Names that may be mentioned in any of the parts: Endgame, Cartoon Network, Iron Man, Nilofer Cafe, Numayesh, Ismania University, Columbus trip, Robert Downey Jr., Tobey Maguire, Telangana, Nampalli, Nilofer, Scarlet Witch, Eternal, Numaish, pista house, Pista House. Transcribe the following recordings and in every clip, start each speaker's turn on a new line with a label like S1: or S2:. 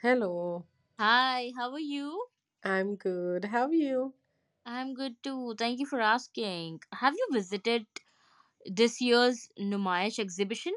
S1: Hello,
S2: Hi, how are you?
S1: I'm good. How are you?
S2: I'm good too. Thank you for asking. Have you visited this year's Numayesh exhibition?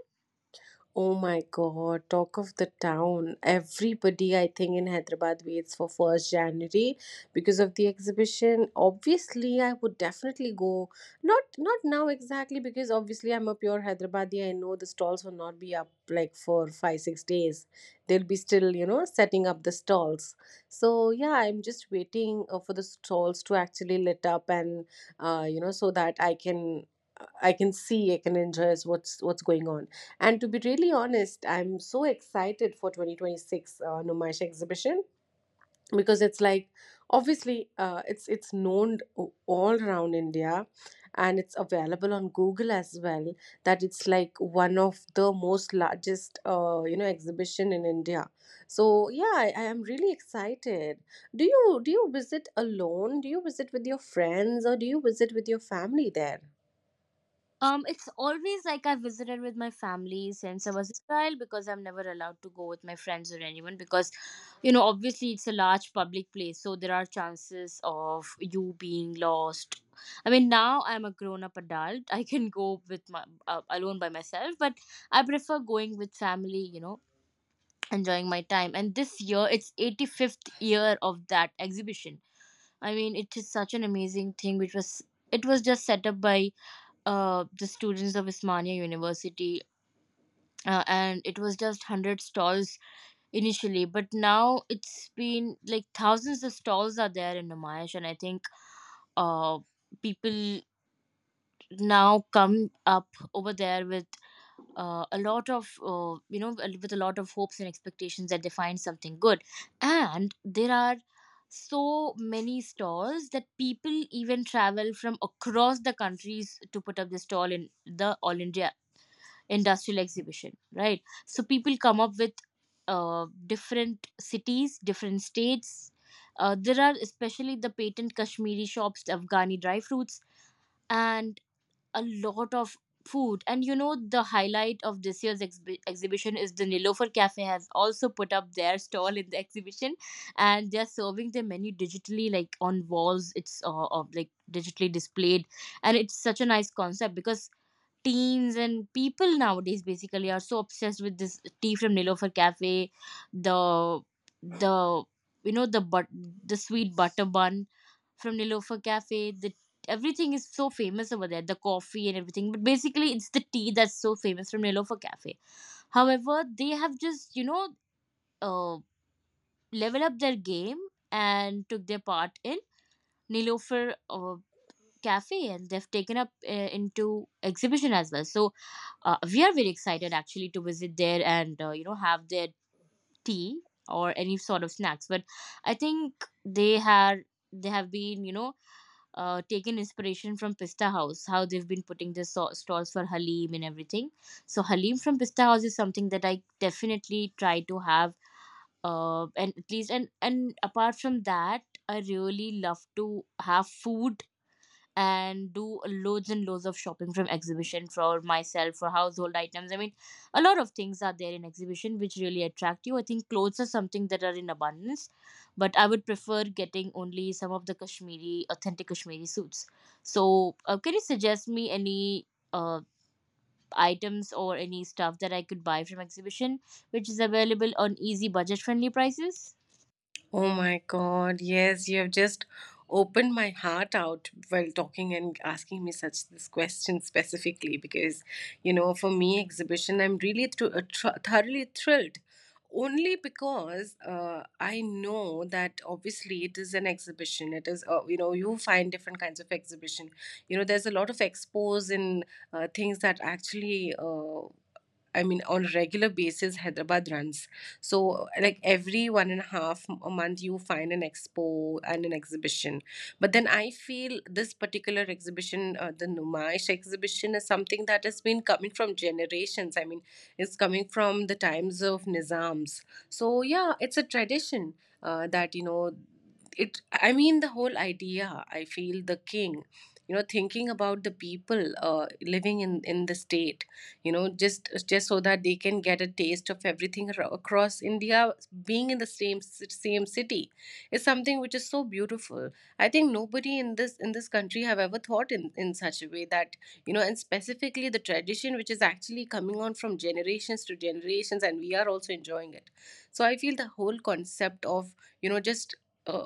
S1: Oh my God, talk of the town. Everybody, I think, in Hyderabad waits for 1st January because of the exhibition. Obviously, I would definitely go. Not now exactly because obviously I'm a pure Hyderabadi. I know the stalls will not be up like for five, 6 days. They'll be still, you know, setting up the stalls. So yeah, I'm just waiting for the stalls to actually lit up and so that I can see, I can enjoy what's going on. And to be really honest, I'm so excited for 2026 Numash exhibition because it's like obviously, it's known all around India, and it's available on Google as well, that it's like one of the most largest exhibition in India. So yeah, I am really excited. Do you visit alone? Do you visit with your friends, or do you visit with your family there?
S2: It's always like I visited with my family since I was a child because I'm never allowed to go with my friends or anyone because, obviously it's a large public place, so there are chances of you being lost. I mean, now I'm a grown-up adult. I can go with my alone by myself, but I prefer going with family, enjoying my time. And this year it's 85th year of that exhibition. I mean, it is such an amazing thing, which was just set up by the students of Ismania University, and it was just 100 stalls initially. But now it's been like thousands of stalls are there in Namayash, and I think uh, people now come up over there with a lot of hopes and expectations, that they find something good. And there are so many stalls that people even travel from across the countries to put up the stall in the All India Industrial Exhibition, right? So people come up with different cities, different states. There are especially the patent Kashmiri shops, the Afghani dry fruits, and a lot of food. And the highlight of this year's exhibition is the Nilofer Cafe has also put up their stall in the exhibition. And they're serving their menu digitally, like on walls. It's of like digitally displayed. And it's such a nice concept, because teens and people nowadays basically are so obsessed with this tea from Nilofer Cafe, the the you know the but the sweet butter bun from Nilofer Cafe. The Everything is so famous over there, the coffee and everything. But basically, it's the tea that's so famous from Nilofer Cafe. However, they have just uh, leveled up their game and took their part in Nilofer Cafe, and they've taken up into exhibition as well. So we are very excited actually to visit there and have their tea or any sort of snacks. But I think they have been taken inspiration from Pista House, how they've been putting the stalls for halim and everything. So halim from Pista House is something that I definitely try to have. Uh, and at least and and apart from that, I really love to have food and do loads and loads of shopping from exhibition, for myself, for household items. I mean, a lot of things are there in exhibition which really attract you. I think clothes are something that are in abundance, but I would prefer getting only some of the kashmiri authentic Kashmiri suits. So can you suggest me any uh, items or any stuff that I could buy from exhibition, which is available on easy budget friendly prices?
S1: Oh my God, yes, you have just opened my heart out while talking and asking me such this question specifically because, you know, for me, exhibition, I'm really thoroughly thrilled only because I know that obviously it is an exhibition. It is, you know, you find different kinds of exhibition. You know, there's a lot of expos and things that actually. I mean, on a regular basis, Hyderabad runs. So, like every one and a half a month, you find an expo and an exhibition. But then I feel this particular exhibition, the Numaish exhibition, is something that has been coming from generations. I mean, it's coming from the times of Nizams. So, yeah, it's a tradition that, you know, I mean, the whole idea, I feel the king, you know, thinking about the people living in the state, you know, just so that they can get a taste of everything across India, being in the same city, is something which is so beautiful. I think nobody in this country have ever thought in such a way that, you know. And specifically the tradition which is actually coming on from generations to generations, and we are also enjoying it. So I feel the whole concept of, you know, just uh,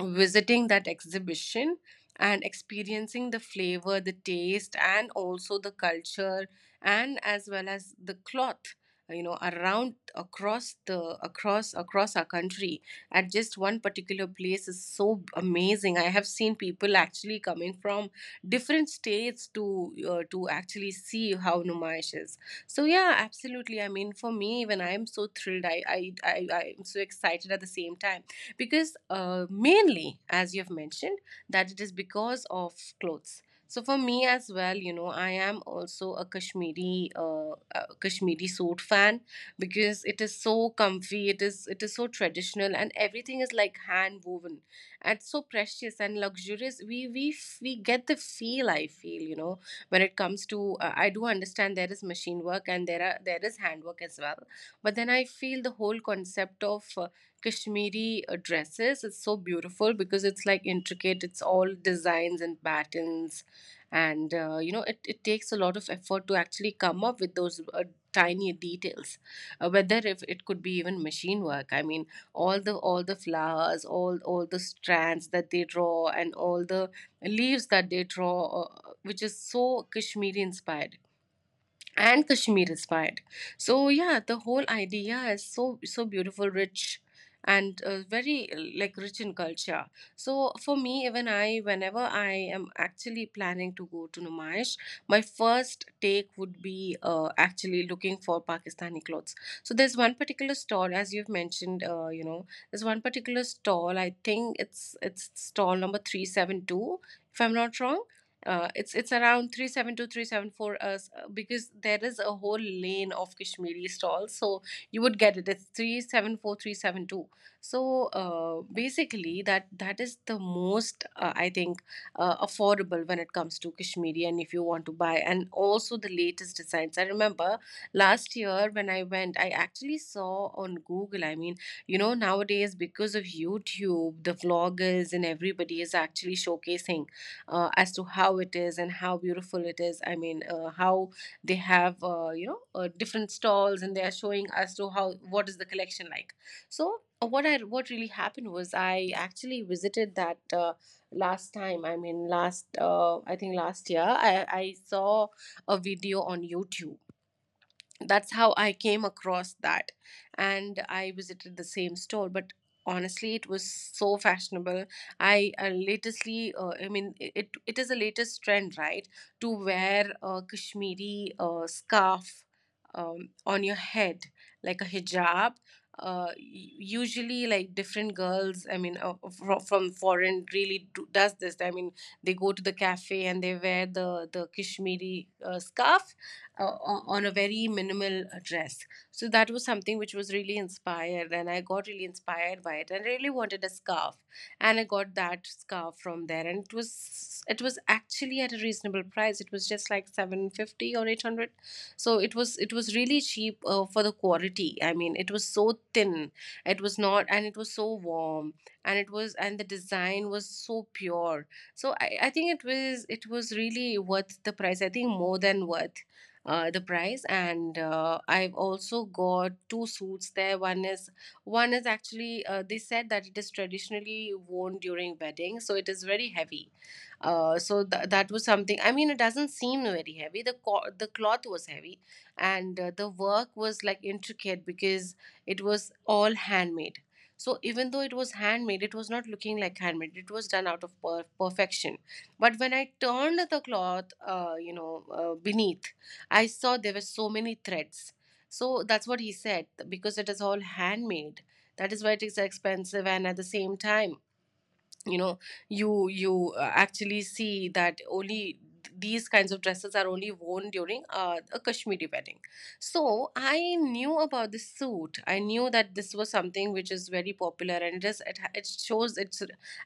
S1: visiting that exhibition and experiencing the flavor, the taste, and also the culture, and as well as the cloth, you know, around across the across our country, at just one particular place, is so amazing. I have seen people actually coming from different states to actually see how Numaish is. So yeah, absolutely. I mean, for me, even I am so thrilled, I am so excited at the same time, because mainly as you've mentioned that it is because of clothes. So for me as well, you know, I am also a Kashmiri, Kashmiri suit fan, because it is so comfy, it is so traditional, and everything is like hand woven and so precious and luxurious. We get the feel, I feel, you know, when it comes to I do understand there is machine work, and there is handwork as well. But then I feel the whole concept of Kashmiri dresses. It's so beautiful because it's like intricate. It's all designs and patterns, and you know, it takes a lot of effort to actually come up with those tiny details. Whether if it could be even machine work. I mean, all the flowers, all the strands that they draw, and all the leaves that they draw, which is so Kashmiri inspired and Kashmir inspired. So yeah, the whole idea is so so beautiful, rich, and very like rich in culture. So for me, even I, whenever I am actually planning to go to Numayish, my first take would be actually looking for Pakistani clothes. So there's one particular stall, as you've mentioned, you know, there's one particular stall. I think it's stall number 372, if I'm not wrong, it's around 372 374. 374, because there is a whole lane of Kashmiri stalls, so you would get it. It's 374 372. So basically that is the most I think affordable when it comes to Kashmiri, and if you want to buy, and also the latest designs. I remember last year when I went, I actually saw on Google. I mean, you know, nowadays because of YouTube, the vloggers and everybody is actually showcasing as to how it is and how beautiful it is. I mean, how they have different stalls, and they are showing as to how, what is the collection like. So what I what really happened was I actually visited that last time. I mean, last I think last year I saw a video on YouTube. That's how I came across that. And I visited the same store, but honestly, it was so fashionable. I latestly, I mean, it it is the latest trend, right, to wear a Kashmiri scarf on your head, like a hijab. Uh, y- Usually, like different girls, I mean, from foreign really do, does this. I mean, they go to the cafe and they wear the Kashmiri scarf on a very minimal dress. So that was something which was really inspired, and I got really inspired by it, and really wanted a scarf, and I got that scarf from there, and it was actually at a reasonable price. It was just like 750 or 800, so it was really cheap for the quality. I mean, it was so thin, it was not, and it was so warm, and the design was so pure. So I think it was really worth the price. I think more than worth the price. And I've also got two suits there. One is actually, they said that it is traditionally worn during weddings, so it is very heavy. That was something. I mean, it doesn't seem very heavy. The the cloth was heavy, and the work was like intricate, because it was all handmade. So even though it was handmade, it was not looking like handmade. It was done out of perfection. But when I turned the cloth, beneath, I saw there were so many threads. So that's what he said, because it is all handmade. That is why it is expensive. And at the same time, you know, you actually see that only these kinds of dresses are only worn during a Kashmiri wedding. So I knew about this suit. I knew that this was something which is very popular, and it is it shows it's,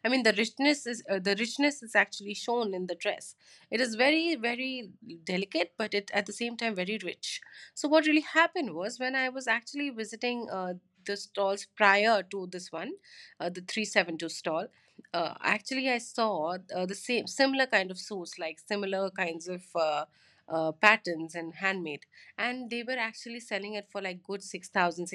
S1: I mean, the richness is, the richness is actually shown in the dress. It is very very delicate, but it at the same time very rich. So what really happened was, when I was actually visiting the stalls prior to this one, the 372 stall, actually, I saw the same similar kind of suits, like similar kinds of patterns and handmade, and they were actually selling it for like good 6,000.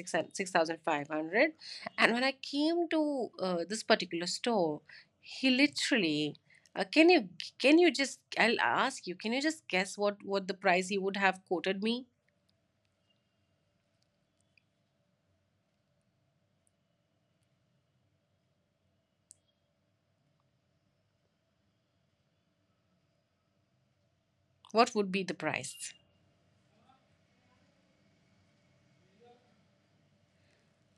S1: And when I came to this particular store, he literally, can you, can you just? I'll ask you, can you just guess what the price he would have quoted me? What would be the price?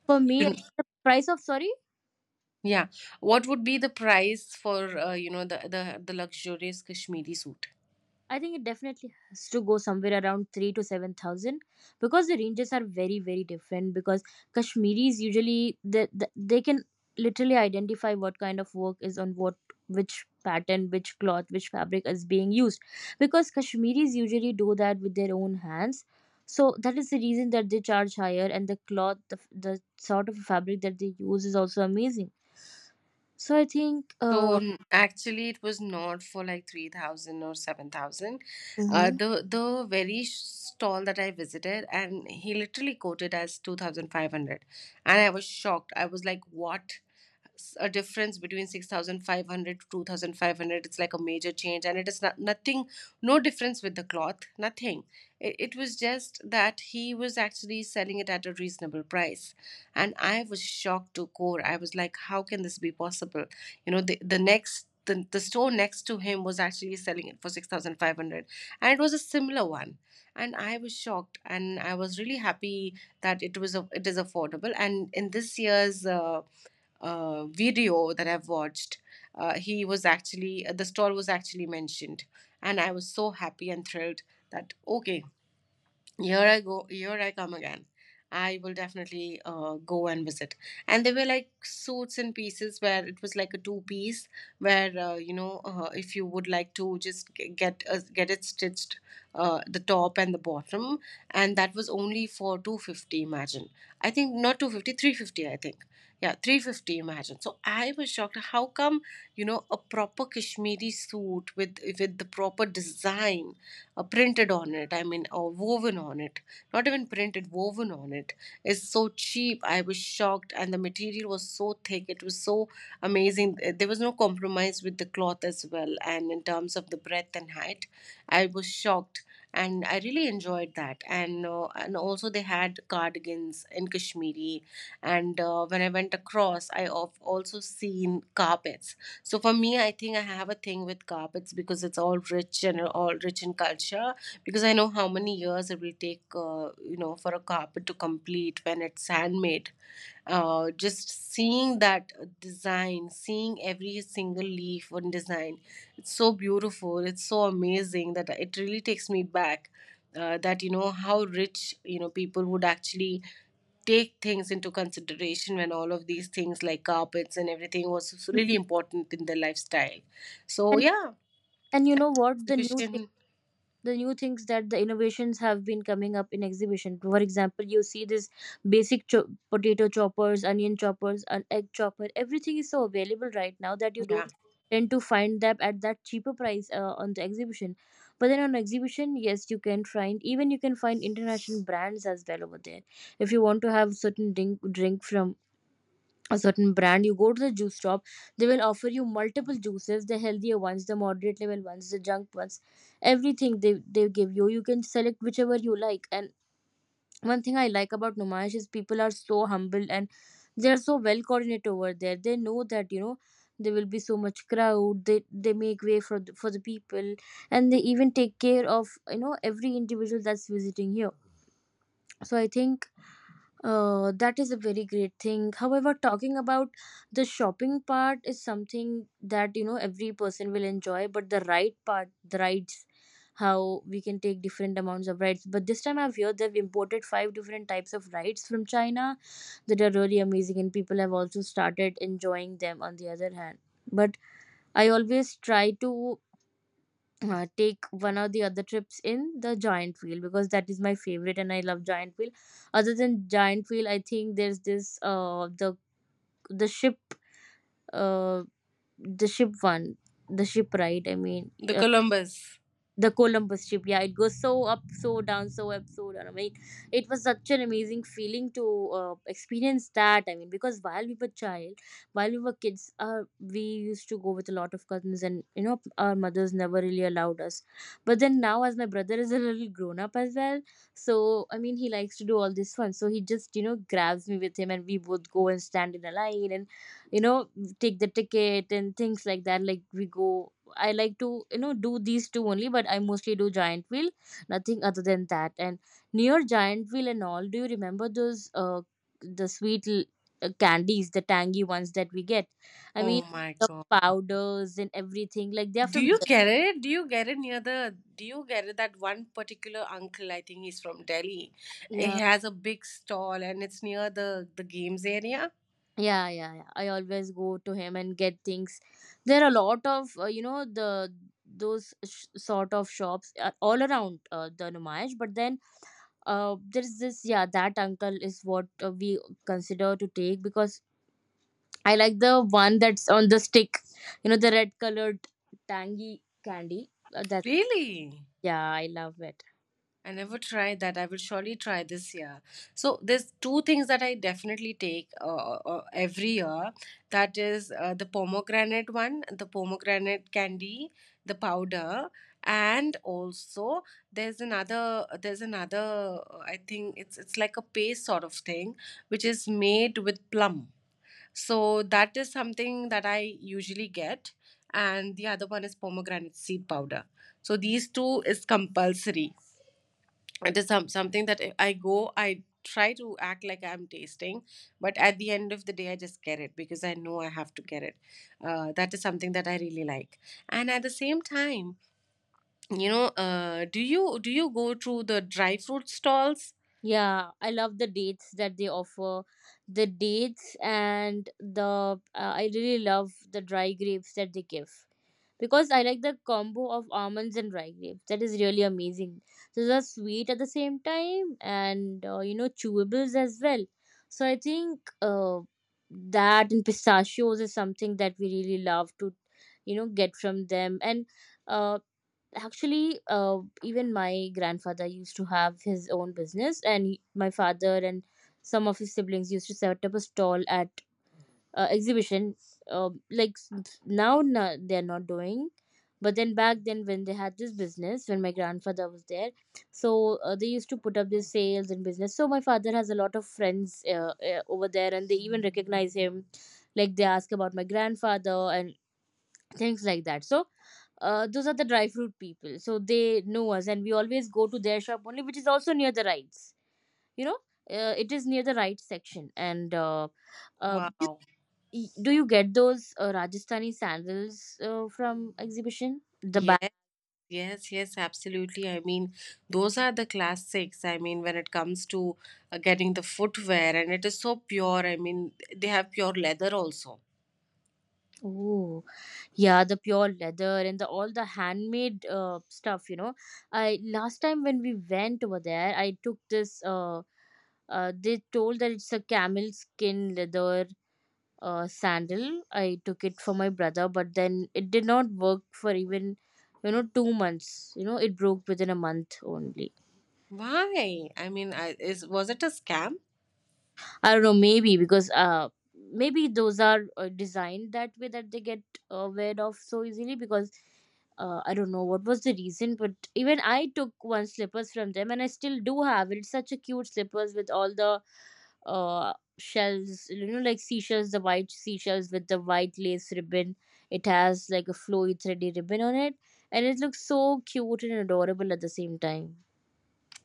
S2: For me, I
S1: You,
S2: think the price of, sorry.
S1: yeah, what would be the price for you know, the the luxurious Kashmiri suit?
S2: I think it definitely has to go somewhere around three to seven thousand, because the ranges are very, very different. Because Kashmiris usually they can literally identify what kind of work is on what which pattern, which cloth, which fabric is being used. Because Kashmiris usually do that with their own hands. So that is the reason that they charge higher, and the cloth, the sort of fabric that they use is also amazing. So I think
S1: So actually, it was not for like 3,000 or 7,000.
S2: hmm.
S1: The stall that I visited, and he literally quoted as 2,500. And I was shocked. I was like, what? S- a difference between 6500 to 2500, it's like a major change, and it is not, nothing. No difference with the cloth, nothing. It was just that he was actually selling it at a reasonable price, and I was shocked to core. I was like, how can this be possible? You know, the store next to him was actually selling it for 6500, and it was a similar one. And I was shocked, and I was really happy that it is affordable. And in this year's video that I've watched, he was actually— the stall was actually mentioned, and I was so happy and thrilled that okay, here I go, here I come again. I will definitely go and visit. And they were like suits and pieces where it was like a two-piece where if you would like to just get it stitched, the top and the bottom, and that was only for 250, imagine. I think not 250, 350, I think. Yeah, 350, imagine. So I was shocked, how come, you know, a proper Kashmiri suit with the proper design printed on it, I mean, or woven on it, not even printed, woven on it. It's so cheap. I was shocked, and the material was so thick. It was so amazing. There was no compromise with the cloth as well, and in terms of the breadth and height, I was shocked, and I really enjoyed that. And and also, they had cardigans in Kashmiri. And when I went across, I of also seen carpets. So for me, I think I have a thing with carpets because it's all rich and all rich in culture. Because I know how many years it will take, for a carpet to complete when it's handmade. Just seeing that design, seeing every single leaf on design, it's so beautiful. It's so amazing that it really takes me back. That you know how rich, you know, people would actually take things into consideration when all of these things like carpets and everything was really important in their lifestyle. So
S2: and
S1: yeah,
S2: and you know what, the new
S1: exhibition.
S2: the new things that the innovations have been coming up in exhibition. For example, you see this basic potato choppers, onion choppers, an egg chopper. Everything is so available right now that you
S1: Yeah,
S2: don't tend to find them at that cheaper price on the exhibition. But then on exhibition, yes, you can find. Even you can find international brands as well over there. If you want to have certain drink from a certain brand, you go to the juice shop. They will offer you multiple juices, the healthier ones, the moderate level ones, the junk ones. Everything they give you, you can select whichever you like. And one thing I like about Numash is people are so humble, and they are so well coordinated over there. They know that there will be so much crowd. They make way for the people, and they even take care of every individual that's visiting here. So I think that is a very great thing. However, talking about the shopping part is something that every person will enjoy, but the ride part, the rides, how we can take different amounts of rides. But this time I've heard they've imported five different types of rides from China that are really amazing, and people have also started enjoying them, on the other hand. But I always try to take one of the other trips in the giant wheel, because that is my favorite, and I love giant wheel. Other than giant wheel, I think there's this the ship uh the ship one the ship ride. I mean,
S1: the Columbus.
S2: the Columbus trip, yeah, it goes so up, so down, so up, so down. I mean, it was such an amazing feeling to experience that. I mean, because while we were kids, we used to go with a lot of cousins, and our mothers never really allowed us. But then now, as my brother is a little grown up as well, so I mean, he likes to do all this fun. So he just grabs me with him, and we both go and stand in a line, and you know take the ticket and things like that. Like we go, I like to do these two only, but I mostly do giant wheel, nothing other than that. And near giant wheel and all, do you remember those the sweet candies, the tangy ones that we get? I mean,
S1: Oh my
S2: the
S1: god.
S2: powders and everything, like they're
S1: Do
S2: from
S1: you
S2: Delhi.
S1: get it? Do you get it near the? Do you get it? That one particular uncle, I think he's from Delhi. He
S2: Yeah,
S1: has a big stall, and it's near the games area.
S2: yeah, yeah, yeah. I always go to him and get things. There are a lot of sort of shops all around the Numayesh, but then there's this, yeah, that uncle is what we consider to take, because I like the one that's on the stick, the red colored tangy candy. That
S1: Really?
S2: Yeah, I love it.
S1: I never tried that. I will surely try this year. So there's two things that I definitely take every year. That is the pomegranate one, the pomegranate candy, the powder, and also there's another I think it's— it's like a paste sort of thing which is made with plum. So that is something that I usually get, and the other one is pomegranate seed powder. So these two is compulsory. It is something that if I go, I try to act like I'm tasting, but at the end of the day, I just get it because I know I have to get it. That is something that I really like. And at the same time, do you go to the dry fruit stalls?
S2: Yeah, I love the dates that they offer, the dates and the I really love the dry grapes that they give, because I like the combo of almonds and dry grapes. That is really amazing. So they're sweet at the same time, and chewables as well. So I think that and pistachios is something that we really love to get from them. And uh, actually, even my grandfather used to have his own business, and my father and some of his siblings used to set up a stall at exhibition. Like now, no, they're not doing. But then back then, when they had this business, when my grandfather was there, so they used to put up these sales and business. So my father has a lot of friends over there, and they even recognize him, like they ask about my grandfather and things like that. So those are the dry fruit people, so they know us, and we always go to their shop only, which is also near the rides. you know it is near the right section. and uh, uh,
S1: Wow.
S2: Y- do you get those Rajasthani sandals from exhibition? The bag.
S1: Yes, yes, yes, absolutely. I mean, those are the classics. I mean, when it comes to getting the footwear, and it is so pure. I mean, they have pure leather also.
S2: Oh, yeah, the pure leather and the all the handmade stuff. I, last time when we went over there, I took this they told that it's a camel skin leather sandal. I took it for my brother, but then it did not work for even, 2 months. You know, it broke within a month only.
S1: Why? I mean, I, is— was it a scam?
S2: I don't know, maybe because maybe those are designed that way, that they get weared off so easily. Because I don't know what was the reason, but even I took one slippers from them, and I still do have it. It's such a cute slippers with all the shells, like seashells, the white seashells with the white lace ribbon. It has like a flowy thready ribbon on it, and it looks so cute and adorable at the same time.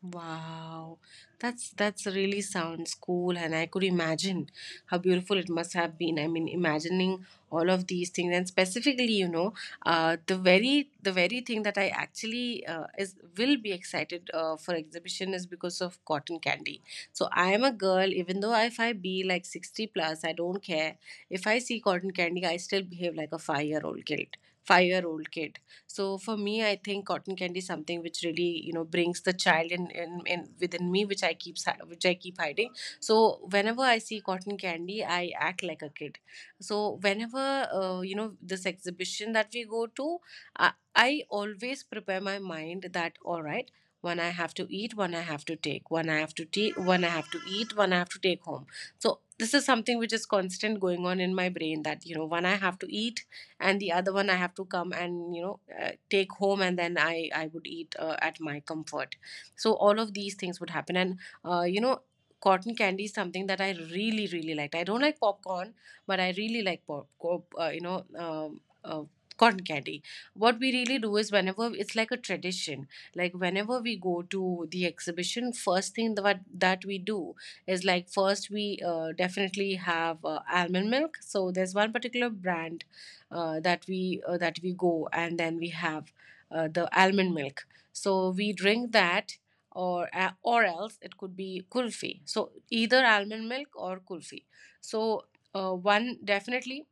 S1: Wow, that's— that's really sounds cool, and I could imagine how beautiful it must have been. I mean, imagining all of these things, and specifically, you know, the very thing that I actually is will be excited for exhibition is because of cotton candy. So I am a girl, even though if I be like 60 plus, I don't care. If I see cotton candy, I still behave like a 5 year old kid. 5 year old kid. So for me, I think cotton candy is something which really, you know, brings the child in, within me, which which I keep hiding. So whenever I see cotton candy, I act like a kid. So whenever you know, this exhibition that we go to, I always prepare my mind that all right. One I have to eat, one I have to take, one I have to take, one I have to eat, one I have to take home. So this is something which is constant going on in my brain, that you know, one I have to eat, and the other one I have to come and, you know, take home, and then I would eat at my comfort. So all of these things would happen. And uh, you know cotton candy is something that I really really liked. I don't like popcorn, but I really like pop, pop you know cotton candy. What we really do is, whenever it's like a tradition, like whenever we go to the exhibition, first thing that we do is, like, first we definitely have almond milk. So there's one particular brand that we go, and then we have the almond milk. So we drink that, or else it could be kulfi. So either almond milk or kulfi. So one definitely.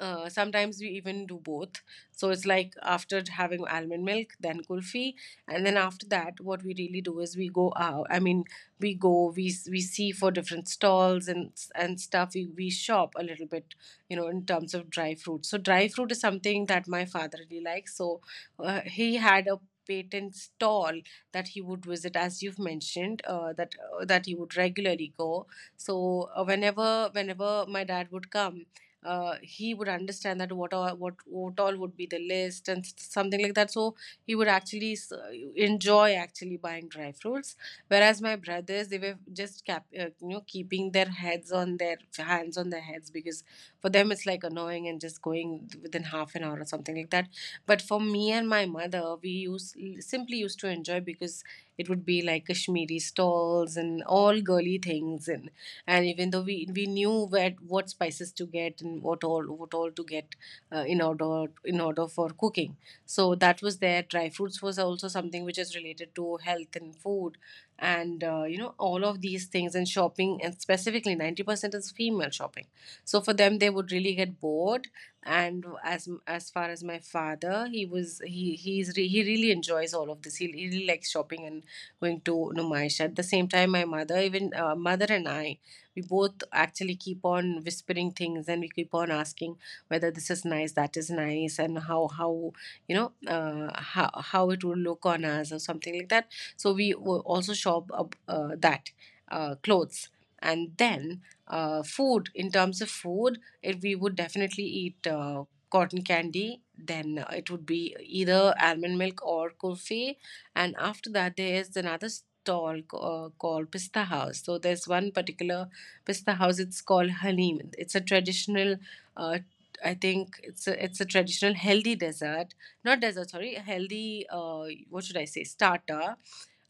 S1: Sometimes we even do both. So it's like after having almond milk, then kulfi, and then after that, what we really do is we go out. I mean, we go, we see for different stalls and and stuff. We shop a little bit, you know, in terms of dry fruit. So dry fruit is something that my father really likes. So he had a patent stall that he would visit, as you've mentioned, that he would regularly go. So whenever my dad would come, he would understand that what all would be the list, and something like that. So he would actually enjoy actually buying dry fruits, whereas my brothers, they were just cap, you know keeping their heads on their heads, because for them, it's like annoying and just going within half an hour or something like that. But for me and my mother, we used simply used to enjoy, because it would be like Kashmiri stalls and all girly things season. And even though we knew where what spices to get, and what all to get in order for cooking. So that was there. Dry fruits was also something which is related to health and food, and all of these things and shopping, and specifically 90% is female shopping. So for them, they would really get bored. And as far as my father, he really enjoys all of this. He really likes shopping and going to Numaish. At the same time, my mother, even mother and I, we both actually keep on whispering things, and we keep on asking whether this is nice, that is nice, and how you know, how it would look on us or something like that. So also shop up, that clothes, and then food. In terms of food, we would definitely eat. Cotton candy, then it would be either almond milk or kulfi. And after that, there is another stall called Pista House. So there's one particular Pista House. It's called halim. It's a traditional uh, I think it's a traditional healthy dessert, not dessert, sorry, healthy what should I say, starter,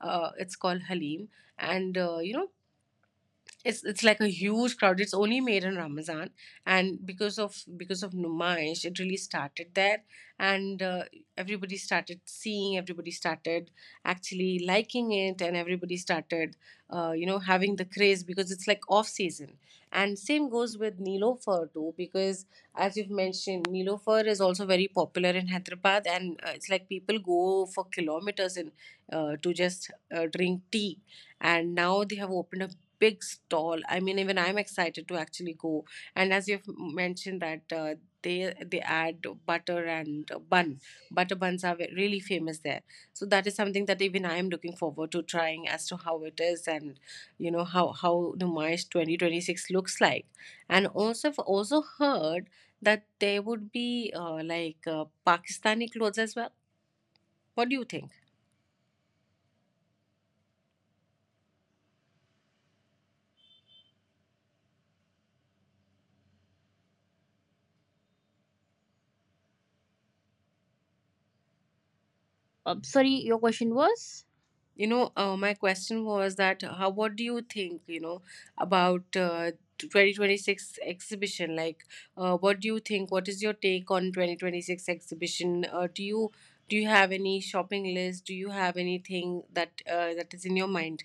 S1: it's called halim. And it's like a huge crowd. It's only made in Ramadan. And because of Numaish, it really started there. And everybody started seeing, everybody started actually liking it, and everybody started, having the craze, because it's like off season. And same goes with Nilofer too, because as you've mentioned, Nilofer is also very popular in Hyderabad. And it's like people go for kilometers in to just drink tea. And now they have opened a big stall. I mean, even I'm excited to actually go. And as you've mentioned that they add butter and bun. Butter buns are really famous there. So that is something that even I am looking forward to trying, as to how it is, and you know how Numayish 2026 looks like. And also I've also heard that there would be Pakistani clothes as well. What do you think?
S2: Sorry, your question was?
S1: You know, my question was that how what do you think, you know, about 2026 exhibition? Like, what do you think? What is your take on 2026 exhibition? Do you have any shopping list? Do you have anything that that is in your mind?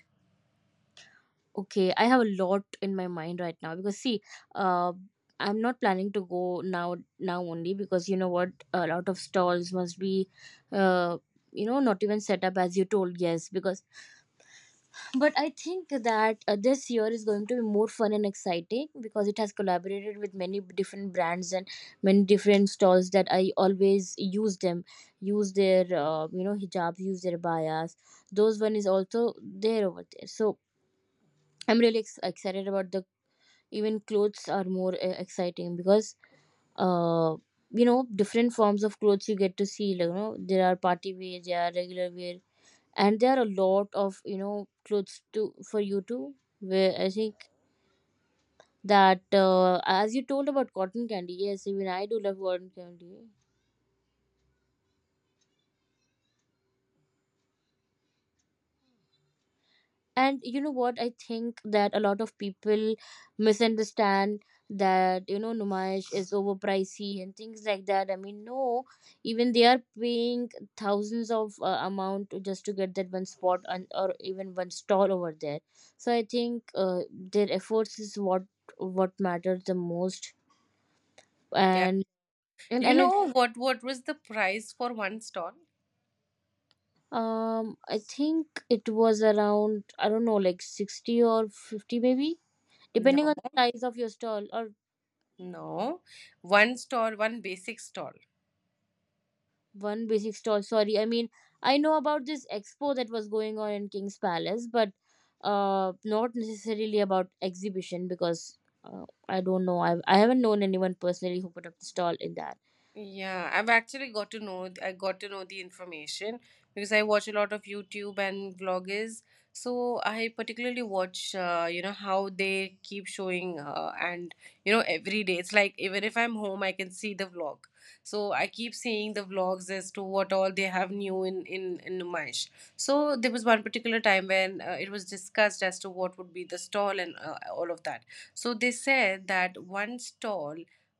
S2: Okay, I have a lot in my mind right now because see, uh, I'm not planning to go now only because you know what, a lot of stalls must be, uh, you know, not even set up as you told. Yes, because but I think that this year is going to be more fun and exciting because it has collaborated with many different brands and many different stalls that I always use them, use their you know hijabs, use their bayas. Those one is also there over there. So I'm really excited about the even clothes are more exciting because uh, you know different forms of clothes you get to see. Like, you know there are party wear, there are regular wear, and there are a lot of you know clothes to for you to wear. I think that as you told about cotton candy, yes, even I do love cotton candy. And you know what, I think that a lot of people misunderstand that you know numash is overpricey and things like that, I mean no, even they are paying thousands of amount just to get that one spot and or even one stall over there. So I think their efforts is what matters the most.
S1: Yeah.
S2: And and,
S1: You
S2: and
S1: know, what was the price for one stall?
S2: I think it was around, I don't know, like 60 or 50 maybe,
S1: No,
S2: depending on the size of your stall or
S1: no. One stall, one basic stall.
S2: one basic stall. Sorry, I mean I know about this expo that was going on in King's Palace, but not necessarily about exhibition because I don't know. I haven't known anyone personally who put up the stall in that.
S1: Yeah, I've actually got to know— I got to know the information because I watch a lot of YouTube and vloggers. So I particularly watch, you know, how they keep showing, and you know, every day. It's like even if I'm home, I can see the vlog. So I keep seeing the vlogs as to what all they have new in Numash. So there was one particular time when it was discussed as to what would be the stall and all of that. So they said that one stall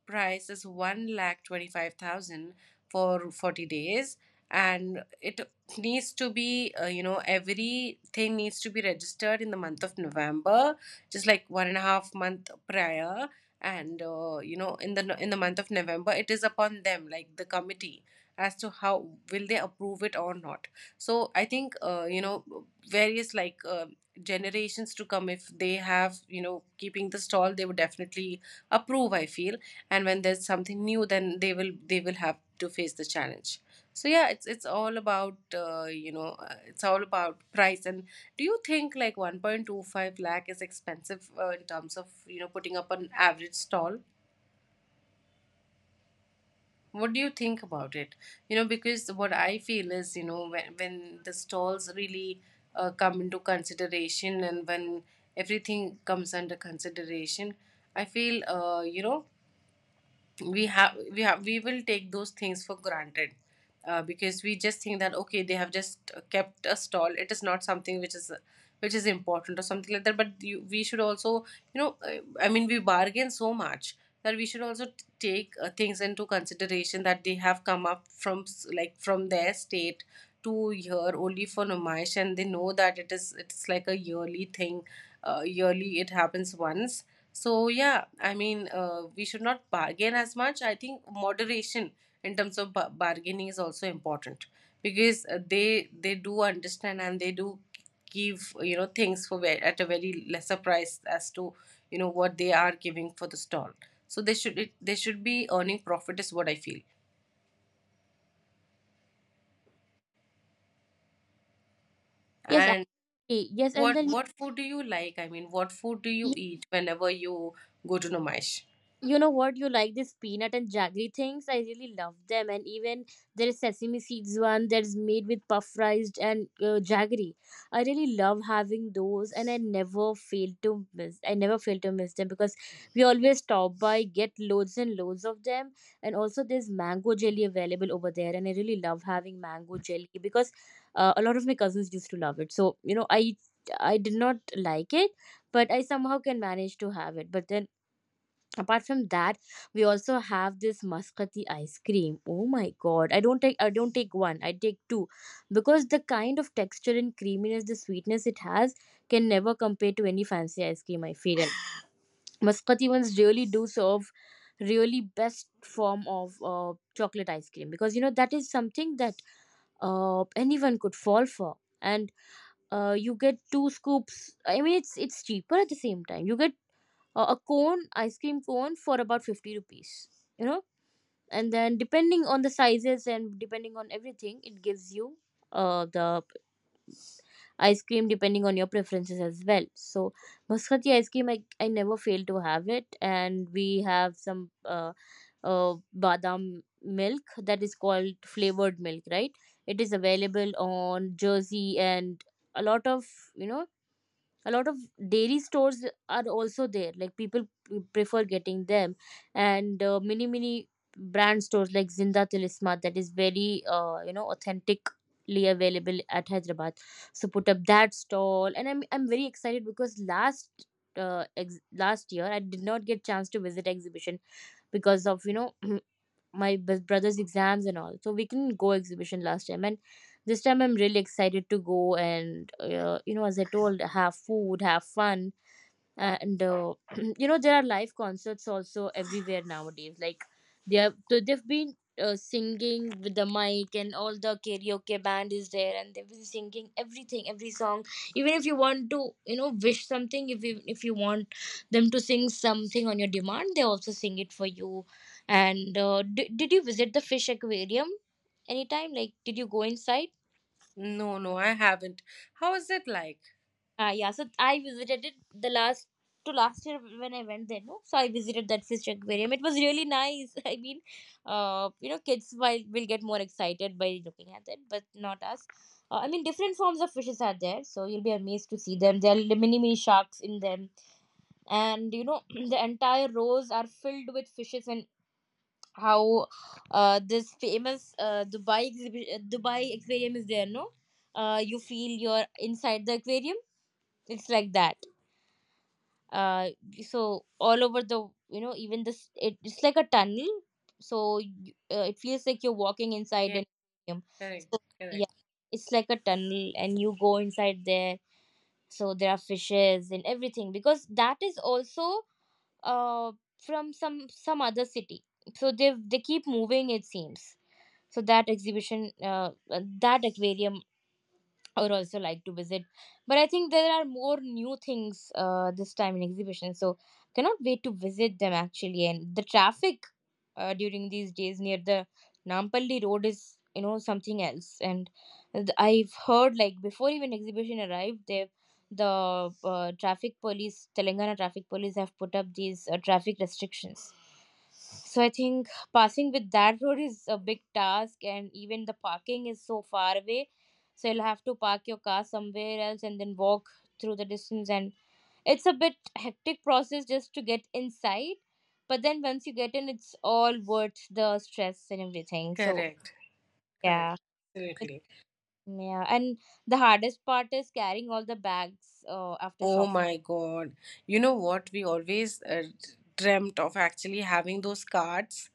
S1: price is 1,25,000 for 40 days and it needs to be everything needs to be registered in the month of November, just like 1.5 month prior, and in the month of November it is upon them, like the committee, as to how will they approve it or not. So I think, various, like generations to come, if they have keeping the stall, they would definitely approve, I feel. And when there's something new, then they will have to face the challenge. So yeah, it's all about, uh, it's all about price. And do you think like 1.25 lakh is expensive, in terms of putting up an average stall? What do you think about it? You know, because what I feel is, when the stalls really, come into consideration, and when everything comes under consideration, I feel, we will take those things for granted. Because we just think that okay, they have just kept a stall. It is not something which is important or something like that. But we should also, I mean, we bargain so much that we should also take things into consideration, that they have come up like from their state to here only for Numayish, and they know that it's like a yearly thing. Yearly, it happens once. So yeah, I mean, we should not bargain as much. I think moderation in terms of bargaining is also important, because they do understand, and they do give, things for at a very lesser price as to what they are giving for the stall. So they should be earning profit is what I feel.
S2: Yes,
S1: And
S2: actually, yes, and
S1: what
S2: then
S1: what food do you like? I mean, what food do you eat whenever you go to Nomaish?
S2: you know what? You like this peanut and jaggery things? I really love them. And even there is sesame seeds one that is made with puff rice and jaggery. I really love having those, and I never fail to miss. I never fail to miss them because we always stop by, get loads and loads of them. And also, there's mango jelly available over there, and I really love having mango jelly because a lot of my cousins used to love it. So you know, I did not like it, but I somehow can manage to have it. But then apart from that we also have this muscati ice cream. Oh my god, I don't take one, I take two, because the kind of texture and creaminess, the sweetness it has can never compare to any fancy ice cream, I feel. And mascati ones really do serve really best form of chocolate ice cream, because you know that is something that anyone could fall for. And you get two scoops, I mean it's cheaper. At the same time you get a cone, ice cream cone, for about 50 rupees, you know. And then depending on the sizes and depending on everything, it gives you the ice cream depending on your preferences as well. So muscati ice cream, I never fail to have it. And we have some badam milk, that is called flavored milk, right? It is available on jersey, and a lot of you know, a lot of dairy stores are also there, like people prefer getting them. And mini brand stores like zinda tilisma, that is very you know authentically available at hyderabad. So put up that stall, and I'm very excited because last last year I did not get chance to visit exhibition because of you know my brother's exams and all, so we couldn't go exhibition last time. And this time I'm really excited to go, and you know as I told, have food, have fun. And you know there are live concerts also everywhere nowadays. Like they have, so they've been singing with the mic and all, the karaoke band is there and they've been singing everything, every song. Even if you want to you know wish something, if you want them to sing something on your demand, they also sing it for you. And did you visit the fish aquarium anytime, like did you go inside?
S1: No, no, I haven't. How is it like?
S2: Yeah, so I visited it the last to last year when I went there. No, so I visited that fish aquarium. It was really nice. I mean, you know, kids will get more excited by looking at it, but not us. I mean, different forms of fishes are there, so you'll be amazed to see them. There are mini mini sharks in them, and you know, the entire rows are filled with fishes. And how this famous Dubai aquarium is there. No, you feel you're inside the aquarium. It's like that uh so all over the you know, even this it's like a tunnel, so you, it feels like you're walking inside
S1: Yeah,
S2: an aquarium.
S1: correct,
S2: So yeah,
S1: correct.
S2: it's like a tunnel and you go inside there. So there are fishes and everything, because that is also uh from some other city, so they keep moving it seems. So that exhibition that aquarium I would also like to visit. But I think there are more new things this time in exhibition, so cannot wait to visit them actually. And the traffic during these days near the Nampalli road is you know something else. And I've heard like before even exhibition arrived, they the traffic police, Telangana traffic police, have put up these traffic restrictions. So I think passing with that road is a big task, and even the parking is so far away, so you'll have to park your car somewhere else and then walk through the distance. And it's a bit hectic process just to get inside, but then once you get in it's all worth the stress and everything. So
S1: Correct, correct,
S2: yeah. it-
S1: absolutely.
S2: yeah. And the hardest part is carrying all the bags after
S1: Oh
S2: shopping.
S1: my God. You know what? We always dreamt of actually having those cards,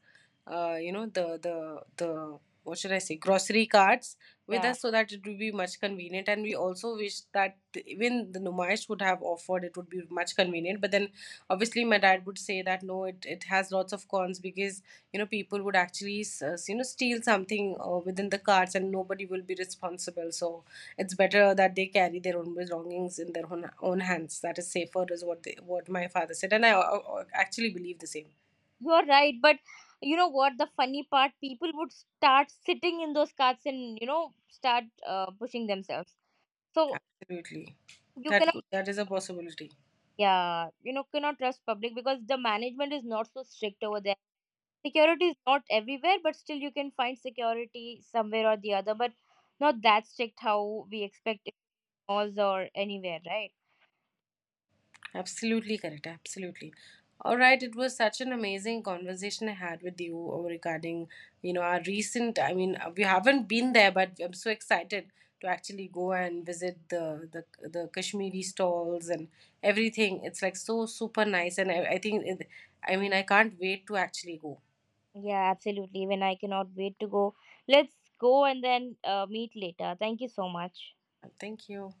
S1: the what should I say, grocery cards with
S2: Yeah,
S1: us, so that it would be much convenient. And we also wish that even the Numaish would have offered, it would be much convenient. But then obviously my dad would say that no, it has lots of cons, because people would actually, steal something, within the carts, and nobody will be responsible. So it's better that they carry their own belongings in their own hands. That is safer is what what my father said, and I actually believe the same.
S2: you're right, but you know what, the funny part, people would start sitting in those carts and you know start pushing themselves, so
S1: Absolutely.
S2: you
S1: That
S2: cannot.
S1: could, that is a possibility.
S2: Yeah, you know, cannot trust public because the management is not so strict over there. Security is not everywhere, but still you can find security somewhere or the other, but not that strict how we expect in malls or anywhere, right?
S1: Absolutely correct. Absolutely. All right. It was such an amazing conversation I had with you, regarding, our recent. I mean, we haven't been there, but I'm so excited to actually go and visit the Kashmiri stalls and everything. It's like so super nice, and I think, I mean, I can't wait to actually go.
S2: Yeah, absolutely. Even I cannot wait to go. Let's go and then meet later. Thank you so much.
S1: Thank you.